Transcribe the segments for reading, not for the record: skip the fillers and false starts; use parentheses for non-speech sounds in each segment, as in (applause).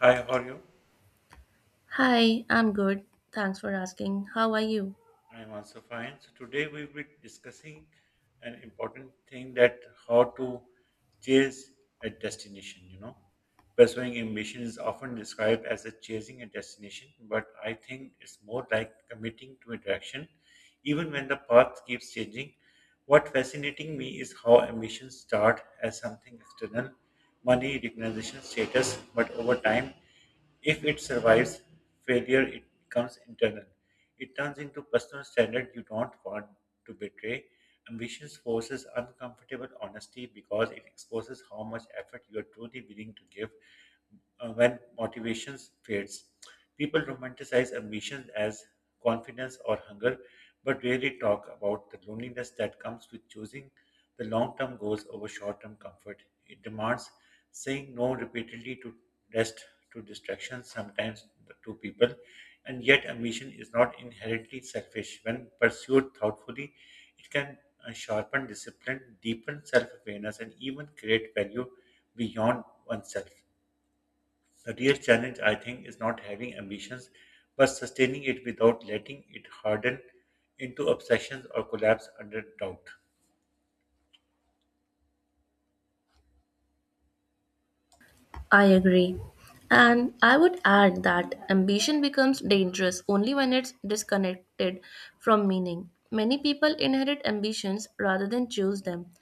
Hi, how are you? Hi, I'm good. Thanks for asking. How are you? I'm also fine. So today we will be discussing an important thing that how to chase a destination, Pursuing ambition is often described as a chasing a destination, but I think it's more like committing to a direction, even when the path keeps changing. What fascinating me is how ambitions start as something external, money, recognition, status, but over time, if it survives failure, it becomes internal. It turns into personal standard you don't want to betray. Ambition forces uncomfortable honesty because it exposes how much effort you are truly willing to give when motivation fades. People romanticize ambition as confidence or hunger, but rarely talk about the loneliness that comes with choosing the long term goals over short term comfort. It demands saying no repeatedly to rest, to distractions, sometimes to people. And yet, ambition is not inherently selfish. When pursued thoughtfully, it can sharpen discipline, deepen self awareness, and even create value beyond oneself. The real challenge, I think, is not having ambitions, but sustaining it without letting it harden into obsessions or collapse under doubt. I agree. And I would add that ambition becomes dangerous only when it's disconnected from meaning. Many people inherit ambitions rather than choose them,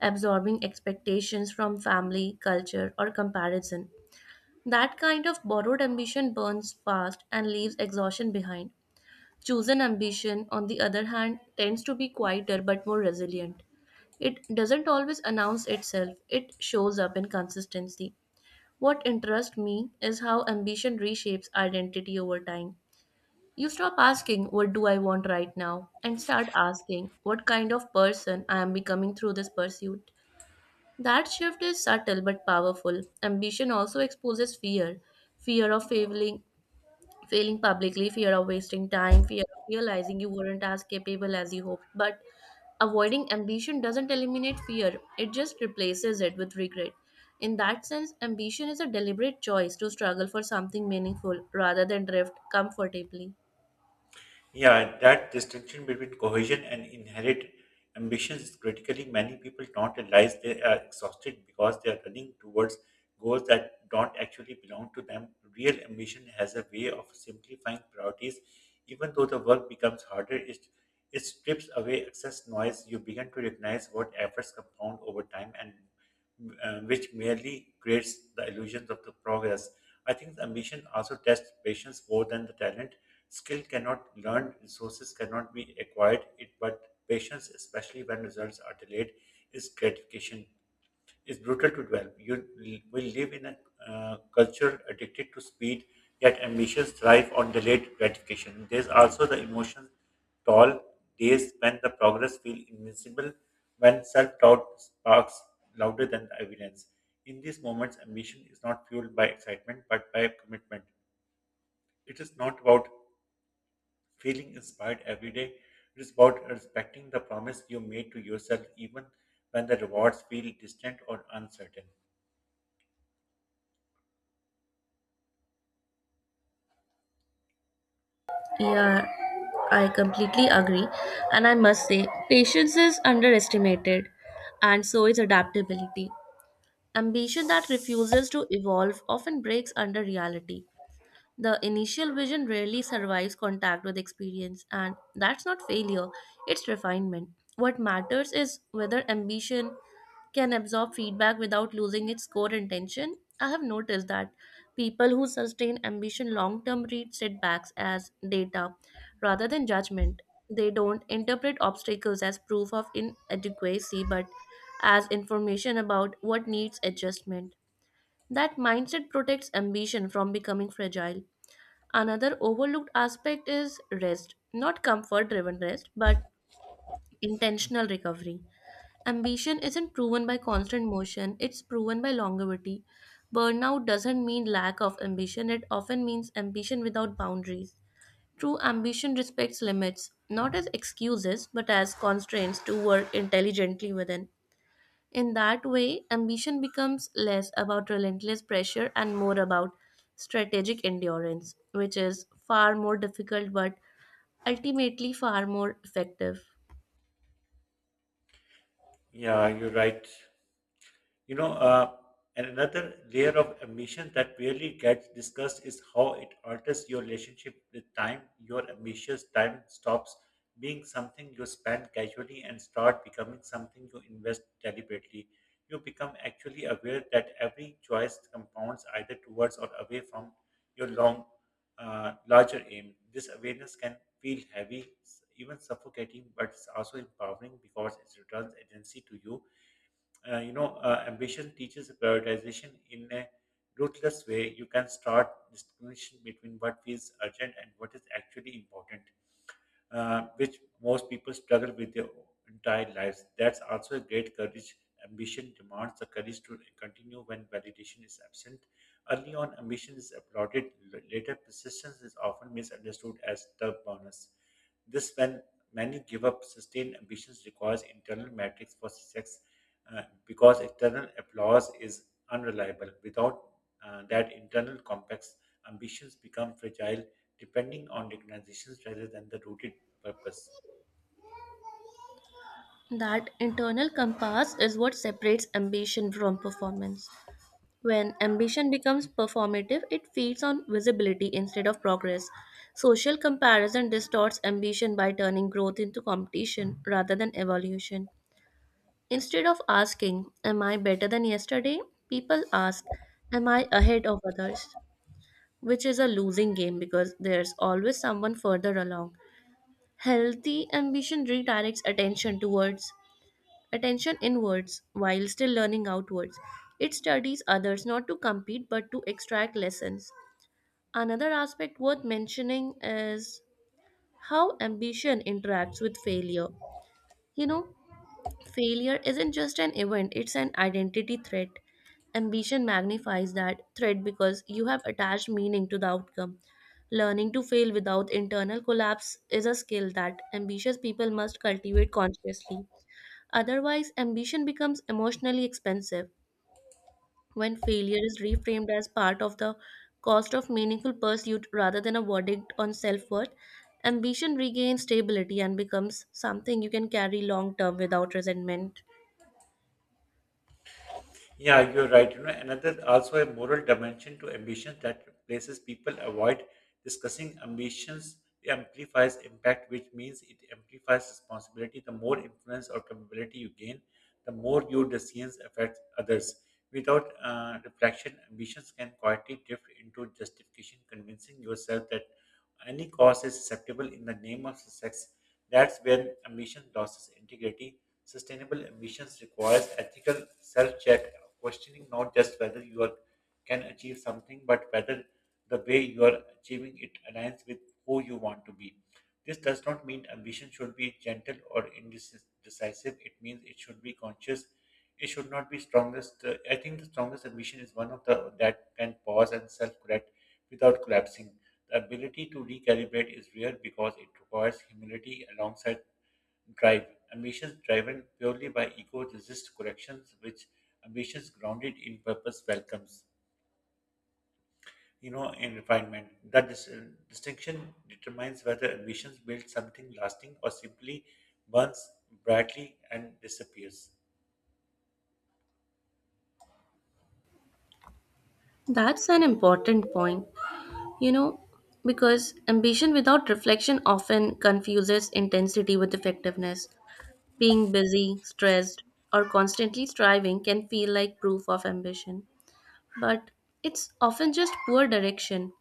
absorbing expectations from family, culture, or comparison. That kind of borrowed ambition burns fast and leaves exhaustion behind. Chosen ambition, on the other hand, tends to be quieter but more resilient. It doesn't always announce itself; it shows up in consistency. What interests me is how ambition reshapes identity over time. You stop asking, "What do I want right now?" and start asking, "What kind of person I am becoming through this pursuit?" That shift is subtle but powerful. Ambition also exposes fear, fear of failing, failing publicly, fear of wasting time, fear of realizing you weren't as capable as you hoped. But avoiding ambition doesn't eliminate fear, it just replaces it with regret. In that sense, ambition is a deliberate choice to struggle for something meaningful rather than drift comfortably. Yeah, that distinction between cohesion and inherent ambitions is critically. Many people don't realize they are exhausted because they are running towards goals that don't actually belong to them. Real ambition has a way of simplifying priorities. Even though the work becomes harder, it strips away excess noise. You begin to recognize what efforts compound over time and which merely creates the illusions of the progress. I think ambition also tests patience more than the talent. Skill cannot learn, resources cannot be acquired, it, but patience, especially when results are delayed, is gratification. It's brutal to develop. Will live in a culture addicted to speed, yet ambitions thrive on delayed gratification. There's also the emotion toll, days when the progress feels invincible, when self-doubt sparks louder than the evidence. In these moments, ambition is not fueled by excitement, but by commitment. It is not about feeling inspired every day, it is about respecting the promise you made to yourself even when the rewards feel distant or uncertain. Yeah, I completely agree. And I must say, patience is underestimated, and so is adaptability. Ambition that refuses to evolve often breaks under reality. The initial vision rarely survives contact with experience, and that's not failure, it's refinement. What matters is whether ambition can absorb feedback without losing its core intention. I have noticed that people who sustain ambition long term read setbacks as data rather than judgment. They don't interpret obstacles as proof of inadequacy but as information about what needs adjustment. That mindset protects ambition from becoming fragile. Another overlooked aspect is rest, not comfort driven rest, but intentional recovery. Ambition isn't proven by constant motion, it's proven by longevity. Burnout doesn't mean lack of ambition, it often means ambition without boundaries. True ambition respects limits, not as excuses, but as constraints to work intelligently within. In that way, ambition becomes less about relentless pressure and more about strategic endurance, which is far more difficult but ultimately far more effective. Yeah, you're right. You know, uh, and another layer of ambition that rarely gets discussed is how it alters your relationship with time. Your ambitious time stops being something you spend casually and start becoming something you invest deliberately. You become actually aware that every choice compounds either towards or away from your larger aim. This awareness can feel heavy, s- even suffocating, but it's also empowering because it returns agency to you. Ambition teaches prioritization in a ruthless way. You can start distinction between what feels urgent and what is actually important, which most people struggle with their entire lives. That's also a great courage. Ambition demands the courage to continue when validation is absent. Early on, ambition is applauded. Later, persistence is often misunderstood as the bonus. This, when many give up, sustained ambitions requires internal metrics for success, because external applause is unreliable. Without that internal context, ambitions become fragile, depending on organizations rather than the rooted purpose. That internal compass is what separates ambition from performance. When ambition becomes performative, it feeds on visibility instead of progress. Social comparison distorts ambition by turning growth into competition rather than evolution. Instead of asking, "Am I better than yesterday?" people ask, "Am I ahead of others?" Which is a losing game because there's always someone further along. Healthy ambition redirects attention towards attention inwards while still learning outwards. It studies others not to compete but to extract lessons. Another aspect worth mentioning is how ambition interacts with failure. You know, Failure isn't just an event, it's an identity threat. Ambition magnifies that threat because you have attached meaning to the outcome. Learning to fail without internal collapse is a skill that ambitious people must cultivate consciously. Otherwise, ambition becomes emotionally expensive when failure is reframed as part of the cost of meaningful pursuit rather than a verdict on self worth. Ambition regains stability and becomes something you can carry long term without resentment. Yeah, you're right. You know, another also a moral dimension to ambition that places people avoid discussing ambitions amplifies impact, which means it amplifies responsibility. The more influence or capability you gain, the more your decisions affect others. Without reflection, ambitions can quietly drift into justification, convincing yourself that any cause is acceptable in the name of success. That's when ambition loses integrity. Sustainable ambitions requires ethical self-check, questioning not just whether you are, can achieve something, but whether the way you are achieving it aligns with who you want to be. This does not mean ambition should be gentle or indecisive. It means it should be conscious. It should not be strongest. I think the strongest ambition is one of the that can pause and self-correct without collapsing. The ability to recalibrate is rare because it requires humility alongside drive. Ambitions driven purely by ego resist corrections, which ambitions grounded in purpose welcomes, you know, environment. That distinction determines whether ambitions build something lasting or simply burns brightly and disappears. That's an important point, you know, because ambition without reflection often confuses intensity with effectiveness. Being busy, stressed, or constantly striving can feel like proof of ambition, but it's often just poor direction.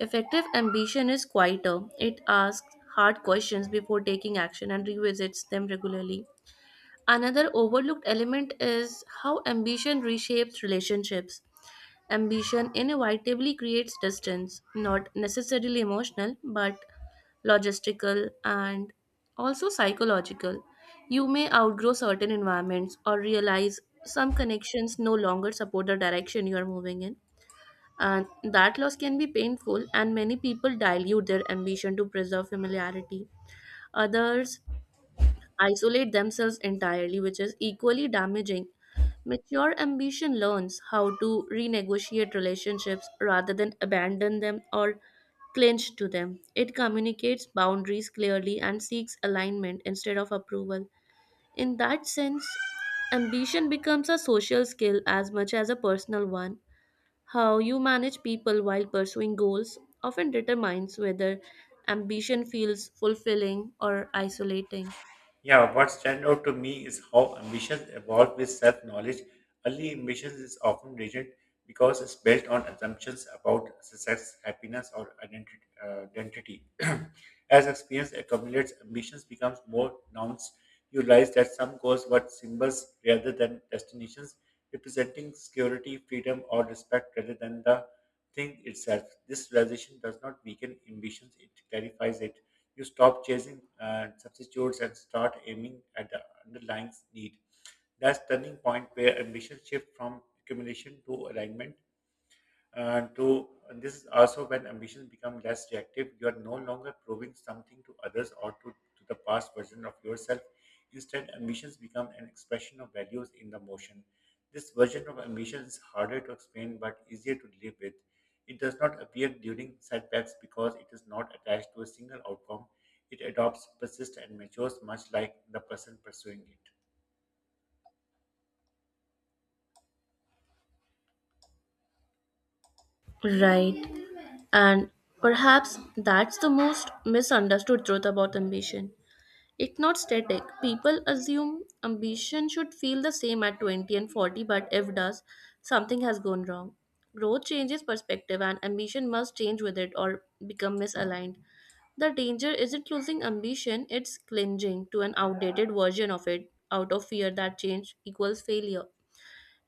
Effective ambition is quieter, it asks hard questions before taking action and revisits them regularly. Another overlooked element is how ambition reshapes relationships. Ambition inevitably creates distance, not necessarily emotional, but logistical and also psychological. You may outgrow certain environments or realize some connections no longer support the direction you are moving in. And that loss can be painful, and many people dilute their ambition to preserve familiarity. Others isolate themselves entirely, which is equally damaging. Mature ambition learns how to renegotiate relationships rather than abandon them or clinch to them. It communicates boundaries clearly and seeks alignment instead of approval. In that sense, ambition becomes a social skill as much as a personal one. How you manage people while pursuing goals often determines whether ambition feels fulfilling or isolating. Yeah, what stands out to me is how ambitions evolve with self-knowledge. Early ambitions is often rigid because it's built on assumptions about success, happiness, or identity. (clears throat) As experience accumulates, ambitions becomes more nuanced. You realize that some goals were symbols rather than destinations representing security, freedom, or respect rather than the thing itself. This realization does not weaken ambitions, it clarifies it. You stop chasing substitutes and start aiming at the underlying need. That's turning point where ambition shifts from accumulation to alignment to and this is also when ambitions become less reactive. You are no longer proving something to others or to the past version of yourself. Instead, ambitions become an expression of values in the motion. This version of ambition is harder to explain but easier to live with. It does not appear during setbacks because it is not attached to a single outcome. It adopts persists and matures much like the person pursuing it. Right. And perhaps that's the most misunderstood truth about ambition. It's not static. People assume ambition should feel the same at 20 and 40, but if does, something has gone wrong. Growth changes perspective, and ambition must change with it or become misaligned. The danger isn't losing ambition, it's clinging to an outdated version of it out of fear that change equals failure.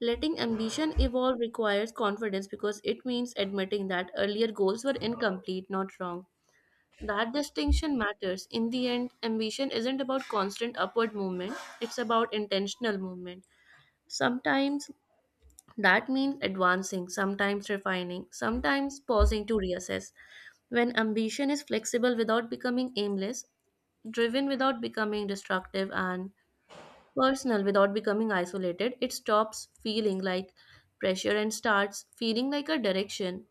Letting ambition evolve requires confidence because it means admitting that earlier goals were incomplete, not wrong. That distinction matters. In the end, ambition isn't about constant upward movement, it's about intentional movement. Sometimes that means advancing, sometimes refining, sometimes pausing to reassess. When ambition is flexible without becoming aimless, driven without becoming destructive, and personal without becoming isolated, it stops feeling like pressure and starts feeling like a direction.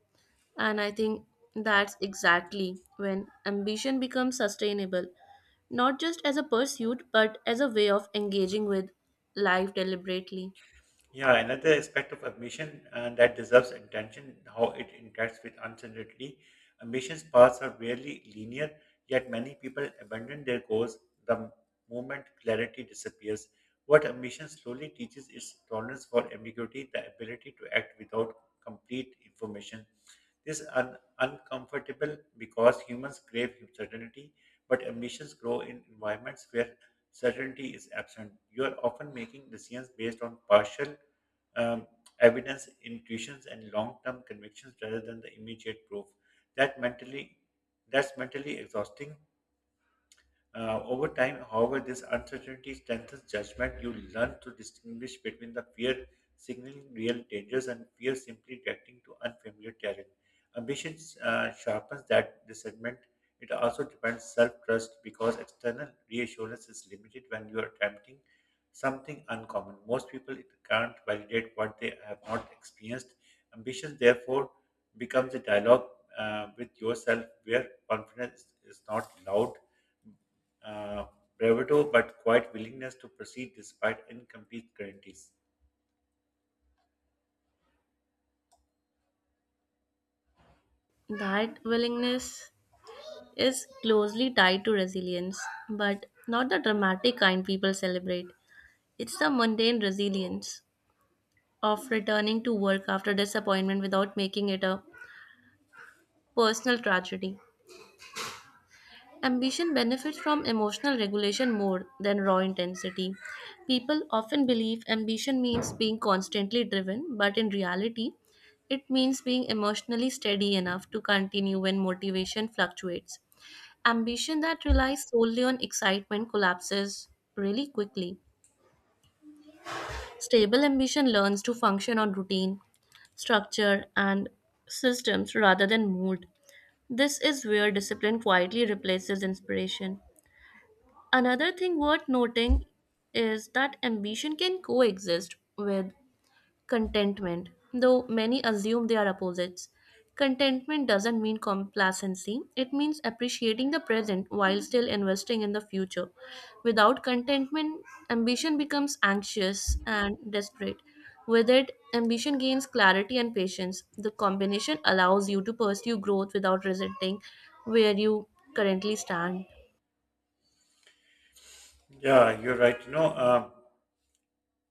And I think that's exactly when ambition becomes sustainable, not just as a pursuit, but as a way of engaging with life deliberately. Yeah, another aspect of ambition, that deserves attention how it interacts with uncertainty. Ambition's paths are rarely linear, yet many people abandon their goals the moment clarity disappears. What ambition slowly teaches is tolerance for ambiguity, the ability to act without complete information. This is uncomfortable because humans crave certainty, but ambitions grow in environments where certainty is absent. You are often making decisions based on partial um, evidence, intuitions, and long-term convictions rather than the immediate proof. That mentally, that's mentally exhausting. Over time, however, this uncertainty strengthens judgment. You learn to distinguish between the fear signaling real dangers and fear simply reacting to unfamiliar terrain. Ambition sharpens that discernment. It also depends self-trust because external reassurance is limited when you are attempting something uncommon. Most people can't validate what they have not experienced. Ambition, therefore, becomes a dialogue with yourself where confidence is not loud uh, bravado but quiet willingness to proceed despite incomplete guarantees. That willingness is closely tied to resilience, but not the dramatic kind people celebrate. It's the mundane resilience of returning to work after disappointment without making it a personal tragedy. Ambition benefits from emotional regulation more than raw intensity. People often believe ambition means being constantly driven, but in reality, it means being emotionally steady enough to continue when motivation fluctuates. Ambition that relies solely on excitement collapses really quickly. Stable ambition learns to function on routine, structure, and systems rather than mood. This is where discipline quietly replaces inspiration. Another thing worth noting is that ambition can coexist with contentment, though many assume they are opposites. Contentment doesn't mean complacency, it means appreciating the present while still investing in the future. Without contentment, ambition becomes anxious and desperate. With it, ambition gains clarity and patience. The combination allows you to pursue growth without resenting where you currently stand. Yeah, you're right.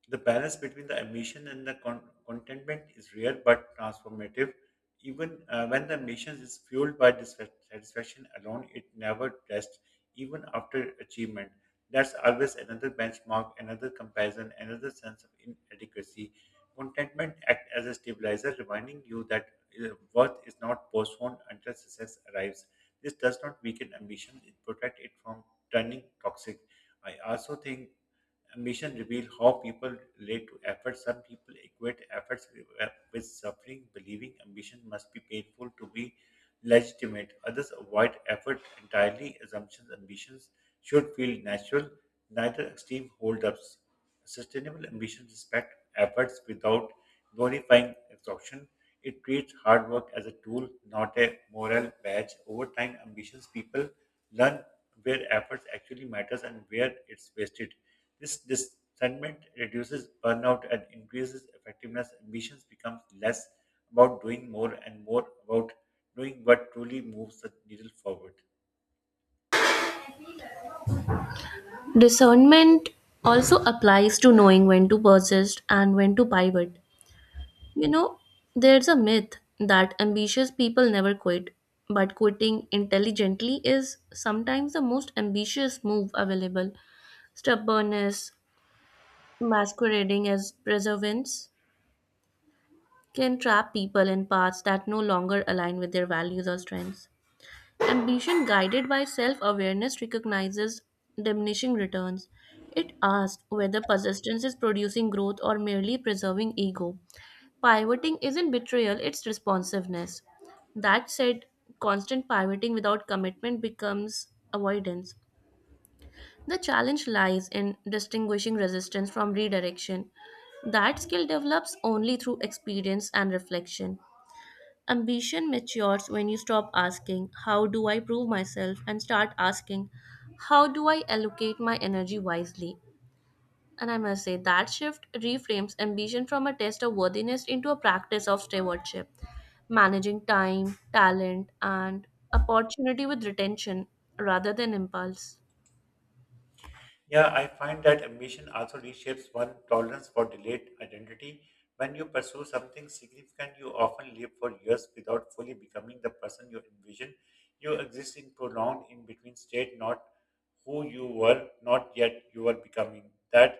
The balance between the ambition and the contentment is rare but transformative. Even when the ambition is fueled by disfa- satisfaction alone, it never rests, even after achievement. That's always another benchmark, another comparison, another sense of inadequacy. Contentment acts as a stabilizer, reminding you that uh, worth is not postponed until success arrives. This does not weaken ambition, it protects it from turning toxic. I also think mission reveal how people relate to effort. Some people equate efforts with suffering, believing ambition must be painful to be legitimate. Others avoid effort entirely. Assumptions, ambitions should feel natural. Neither extreme holds up. Sustainable ambition respects efforts without glorifying exhaustion. It treats hard work as a tool, not a moral badge. Over time, ambitious people learn where efforts actually matters and where it's wasted. This discernment reduces burnout and increases effectiveness. Ambitions becomes less about doing more and more about doing what truly moves the needle forward. Discernment also applies to knowing when to persist and when to pivot. You know, there's a myth that ambitious people never quit, but quitting intelligently is sometimes the most ambitious move available. Stubbornness, masquerading as perseverance, can trap people in paths that no longer align with their values or strengths. Ambition guided by self awareness recognizes diminishing returns. It asks whether persistence is producing growth or merely preserving ego. Pivoting isn't betrayal, it's responsiveness. That said, constant pivoting without commitment becomes avoidance. The challenge lies in distinguishing resistance from redirection. That skill develops only through experience and reflection. Ambition matures when you stop asking, "How do I prove myself?" and start asking, "How do I allocate my energy wisely?" And I must say, that shift reframes ambition from a test of worthiness into a practice of stewardship, managing time, talent, and opportunity with retention rather than impulse. Yeah, I find that ambition also reshapes one's tolerance for delayed identity. When you pursue something significant, you often live for years without fully becoming the person you envision. You exist in prolonged in between state, not who you were, not yet you are becoming. That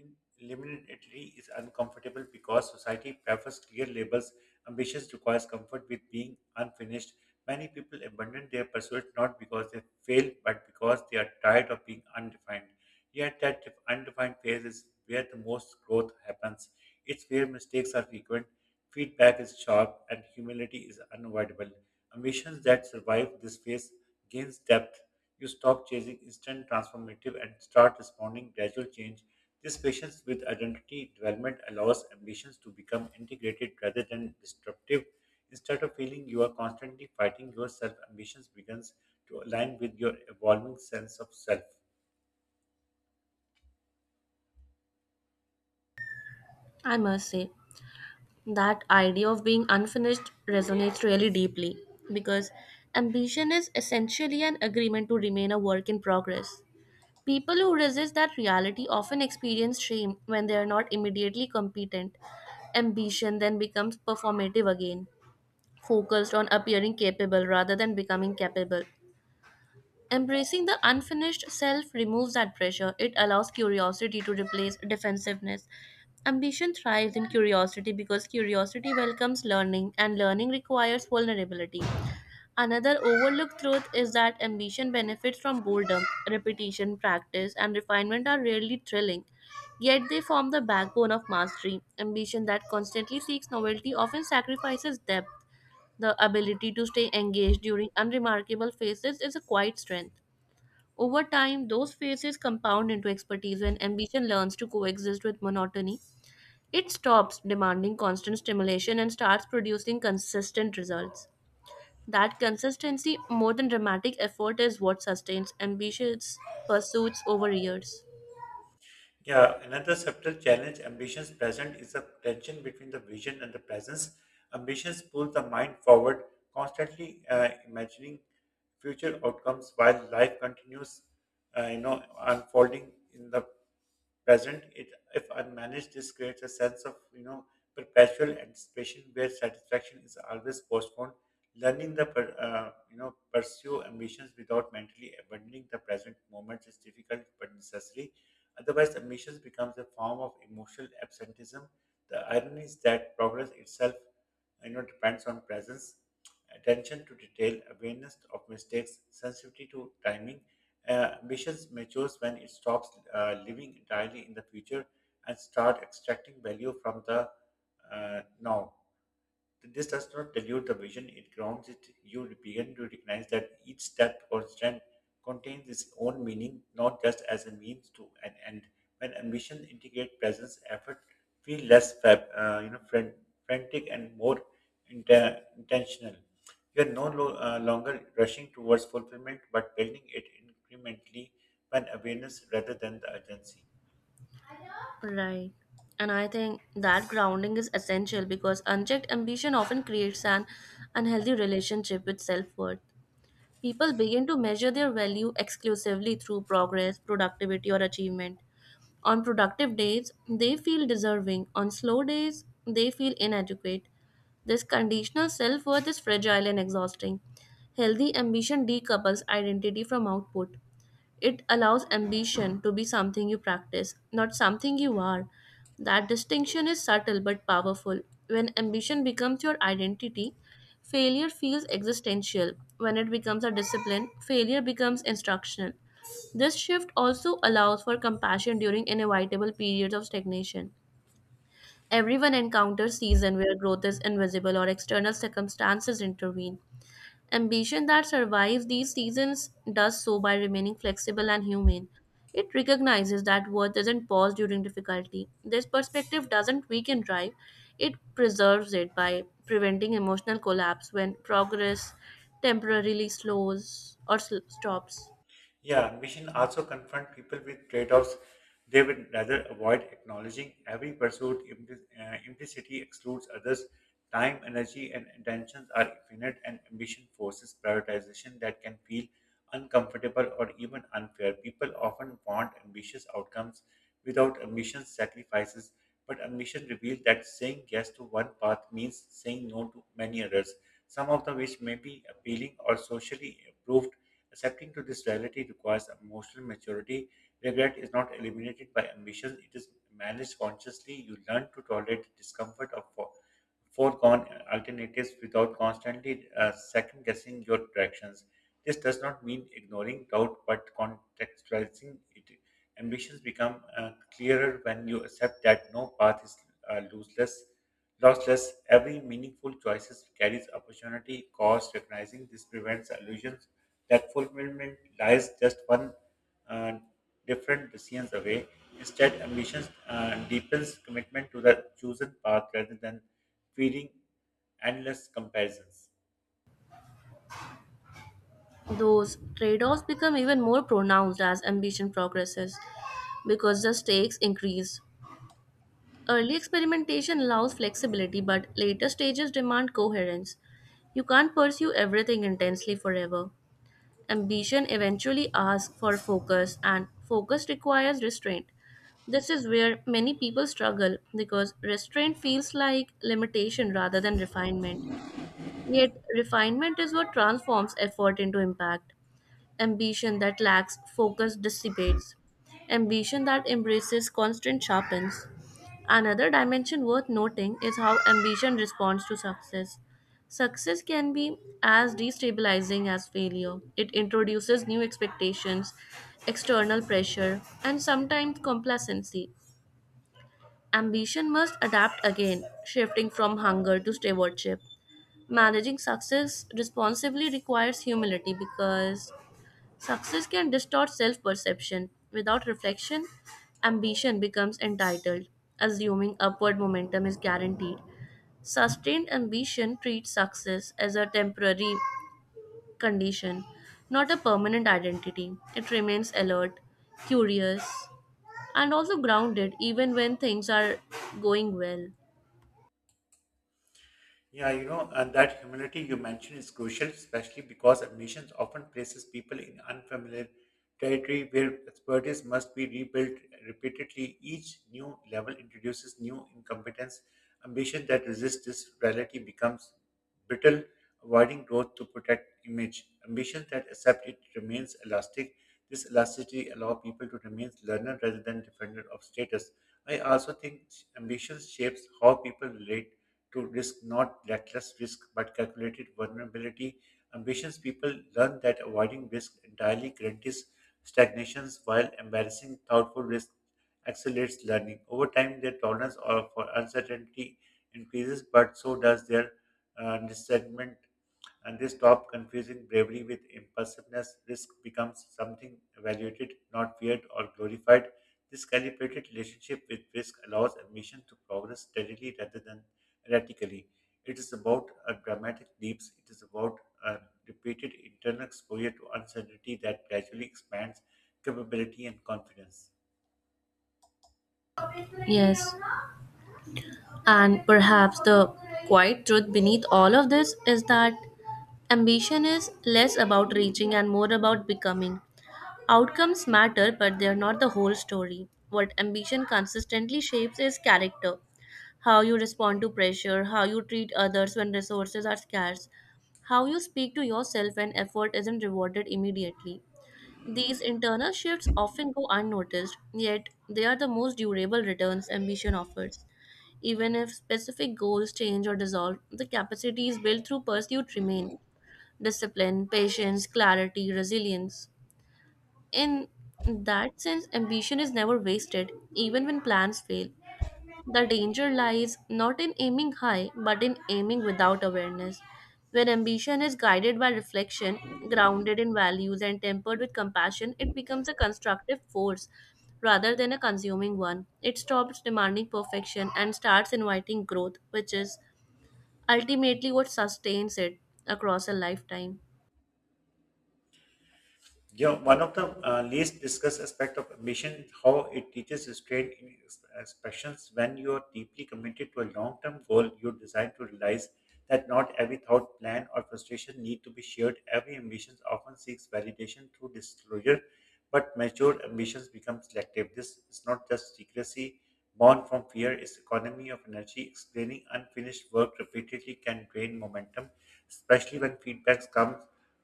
in- liminality is uncomfortable because society prefers clear labels. Ambition requires comfort with being unfinished. Many people abandon their pursuit not because they fail, but because they are tired of being undefined. Yet, that undefined phase is where the most growth happens. It's where mistakes are frequent, feedback is sharp, and humility is unavoidable. Ambitions that survive this phase gains depth. You stop chasing instant transformative and start responding gradual change. This patience with identity development allows ambitions to become integrated rather than disruptive. Instead of feeling you are constantly fighting yourself, ambitions begins to align with your evolving sense of self. I must say, that idea of being unfinished resonates really deeply because ambition is essentially an agreement to remain a work in progress. People who resist that reality often experience shame when they are not immediately competent. Ambition then becomes performative again, focused on appearing capable rather than becoming capable. Embracing the unfinished self removes that pressure. It allows curiosity to replace defensiveness. Ambition thrives in curiosity because curiosity welcomes learning, and learning requires vulnerability. Another overlooked truth is that ambition benefits from boredom. Repetition, practice, and refinement are rarely thrilling, yet they form the backbone of mastery. Ambition that constantly seeks novelty often sacrifices depth. The ability to stay engaged during unremarkable phases is a quiet strength. Over time, those phases compound into expertise when ambition learns to coexist with monotony. It stops demanding constant stimulation and starts producing consistent results. That consistency, more than dramatic effort, is what sustains ambitious pursuits over years. Yeah, another subtle challenge ambitions present is the tension between the vision and the presence. Ambitions pull the mind forward, constantly imagining future outcomes while life continues, unfolding in the present. It, if unmanaged, this creates a sense of, you know, perpetual anticipation where satisfaction is always postponed. Learning the, per, you know, pursue ambitions without mentally abandoning the present moment is difficult but necessary. Otherwise, ambition becomes a form of emotional absenteeism. The irony is that progress itself, you know, depends on presence, attention to detail, awareness of mistakes, sensitivity to timing. Ambitions matures when it stops living entirely in the future and start extracting value from the now. This does not dilute the vision, it grounds it. You begin to recognize that each step or strand contains its own meaning, not just as a means to an end. When ambition integrates presence, effort feel less fab, you know, fran- frantic and more intentional. You are no longer rushing towards fulfillment, but building it incrementally when awareness rather than the urgency. Right. And I think that grounding is essential because unchecked ambition often creates an unhealthy relationship with self worth. People begin to measure their value exclusively through progress, productivity, or achievement. On productive days, they feel deserving. On slow days, they feel inadequate. This conditional self worth is fragile and exhausting. Healthy ambition decouples identity from output. It allows ambition to be something you practice, not something you are. That distinction is subtle but powerful. When ambition becomes your identity, failure feels existential. When it becomes a discipline, failure becomes instructional. This shift also allows for compassion during inevitable periods of stagnation. Everyone encounters season where growth is invisible or external circumstances intervene. Ambition that survives these seasons does so by remaining flexible and humane. It recognizes that worth doesn't pause during difficulty. This perspective doesn't weaken drive, it preserves it by preventing emotional collapse when progress temporarily slows or stops. Yeah, Mission also confront people with trade-offs they would rather avoid acknowledging. Every pursuit implicitly excludes others. Time, energy, and intentions are infinite, and ambition forces prioritization that can feel uncomfortable or even unfair. People often want ambitious outcomes without ambition sacrifices, but ambition reveals that saying yes to one path means saying no to many others, some of the which may be appealing or socially approved. Accepting to this reality requires emotional maturity. Regret is not eliminated by ambition, it is managed consciously. You learn to tolerate the discomfort of foregone alternatives without constantly second guessing your directions. This does not mean ignoring doubt but contextualizing it. Ambitions become clearer when you accept that no path is looseless. Lossless, Every meaningful choice carries opportunity, cost, recognizing this prevents illusions that fulfillment lies just one uh, different decisions away. Instead, ambition deepens commitment to the chosen path rather than feeding endless comparisons. Those trade offs become even more pronounced as ambition progresses because the stakes increase. Early experimentation allows flexibility, but later stages demand coherence. You can't pursue everything intensely forever. Ambition eventually asks for focus, and focus requires restraint. This is where many people struggle because restraint feels like limitation rather than refinement. Yet, refinement is what transforms effort into impact. Ambition that lacks focus dissipates, ambition that embraces constant sharpens. Another dimension worth noting is how ambition responds to success. Success can be as destabilizing as failure. It introduces new expectations, external pressure, and sometimes complacency. Ambition must adapt again, shifting from hunger to stewardship. Managing success responsibly requires humility because success can distort self perception. Without reflection, ambition becomes entitled, assuming upward momentum is guaranteed. Sustained ambition treats success as a temporary condition, not a permanent identity. It remains alert, curious, and also grounded even when things are going well. And that humility you mentioned is crucial, especially because ambitions often places people in unfamiliar territory where expertise must be rebuilt repeatedly. Each new level introduces new incompetence. Ambition that resists this reality becomes brittle, avoiding growth to protect image. Ambitions that accept it remains elastic. This elasticity allows people to remain learner rather than defender of status. I also think ambition shapes how people relate to risk, not reckless risk, but calculated vulnerability. Ambitious people learn that avoiding risk entirely guarantees stagnations while embarrassing thoughtful risk accelerates learning. Over time, their tolerance or for uncertainty increases, but so does their discernment, and they stop confusing bravery with impulsiveness. Risk becomes something evaluated, not feared or glorified. This calibrated relationship with risk allows ambition to progress steadily rather than erratically. It is about dramatic leaps. It is about uh, repeated internal exposure to uncertainty that gradually expands capability and confidence. Yes, and perhaps the quiet truth beneath all of this is that ambition is less about reaching and more about becoming. Outcomes matter, but they are not the whole story. What ambition consistently shapes is character, how you respond to pressure, how you treat others when resources are scarce, how you speak to yourself when effort isn't rewarded immediately. These internal shifts often go unnoticed, yet, they are the most durable returns ambition offers. Even if specific goals change or dissolve, the capacities built through pursuit remain discipline, patience, clarity, resilience. In that sense, ambition is never wasted, even when plans fail. The danger lies not in aiming high, but in aiming without awareness. When ambition is guided by reflection, grounded in values, and tempered with compassion, it becomes a constructive force rather than a consuming one. It stops demanding perfection and starts inviting growth, which is ultimately what sustains it across a lifetime. Yeah, One of the least discussed aspect of ambition is how it teaches restraint in expressions. When you are deeply committed to a long-term goal, you decide to realize that not every thought, plan, or frustration need to be shared. Every ambition often seeks validation through disclosure, but mature ambitions become selective. This is not just secrecy born from fear; it's economy of energy. Explaining unfinished work repeatedly can drain momentum, especially when feedbacks come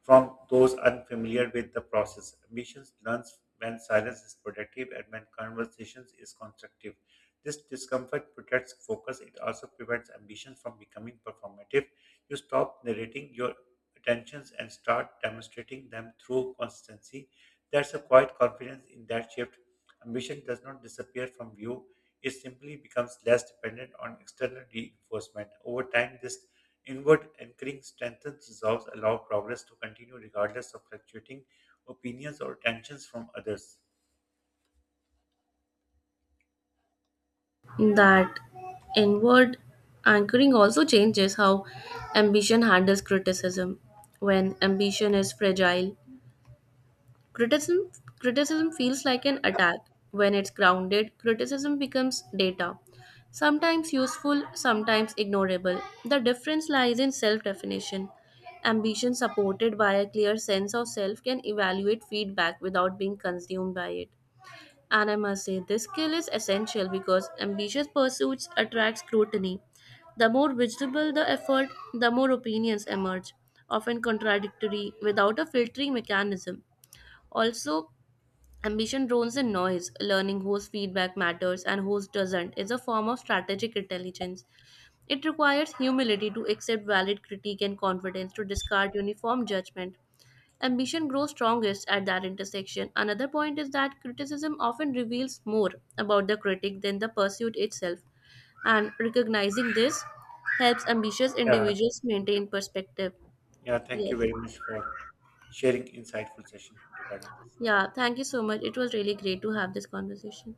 from those unfamiliar with the process. Ambition learns when silence is productive and when conversations is constructive. This discomfort protects focus. It also prevents ambition from becoming performative. You stop narrating your attentions and start demonstrating them through consistency. There's a quiet confidence in that shift. Ambition does not disappear from view, it simply becomes less dependent on external reinforcement. Over time, this inward anchoring strengthens resolves, allow progress to continue regardless of fluctuating opinions or tensions from others. That inward anchoring also changes how ambition handles criticism. When ambition is fragile, criticism criticism feels like an attack. When it's grounded, criticism becomes data. Sometimes useful, sometimes ignorable. The difference lies in self-definition. Ambition supported by a clear sense of self can evaluate feedback without being consumed by it. And I must say, this skill is essential because ambitious pursuits attract scrutiny. The more visible the effort, the more opinions emerge, often contradictory, without a filtering mechanism. Also, ambition drones in noise, learning whose feedback matters and whose doesn't, is a form of strategic intelligence. It requires humility to accept valid critique and confidence to discard uniform judgment. Ambition grows strongest at that intersection. Another point is that criticism often reveals more about the critic than the pursuit itself, and recognizing this helps ambitious Yeah, individuals thank you. maintain perspective. Yeah, thank you Yes. very much for sharing insightful session regarding this. Yeah, thank you so much. It was really great to have this conversation.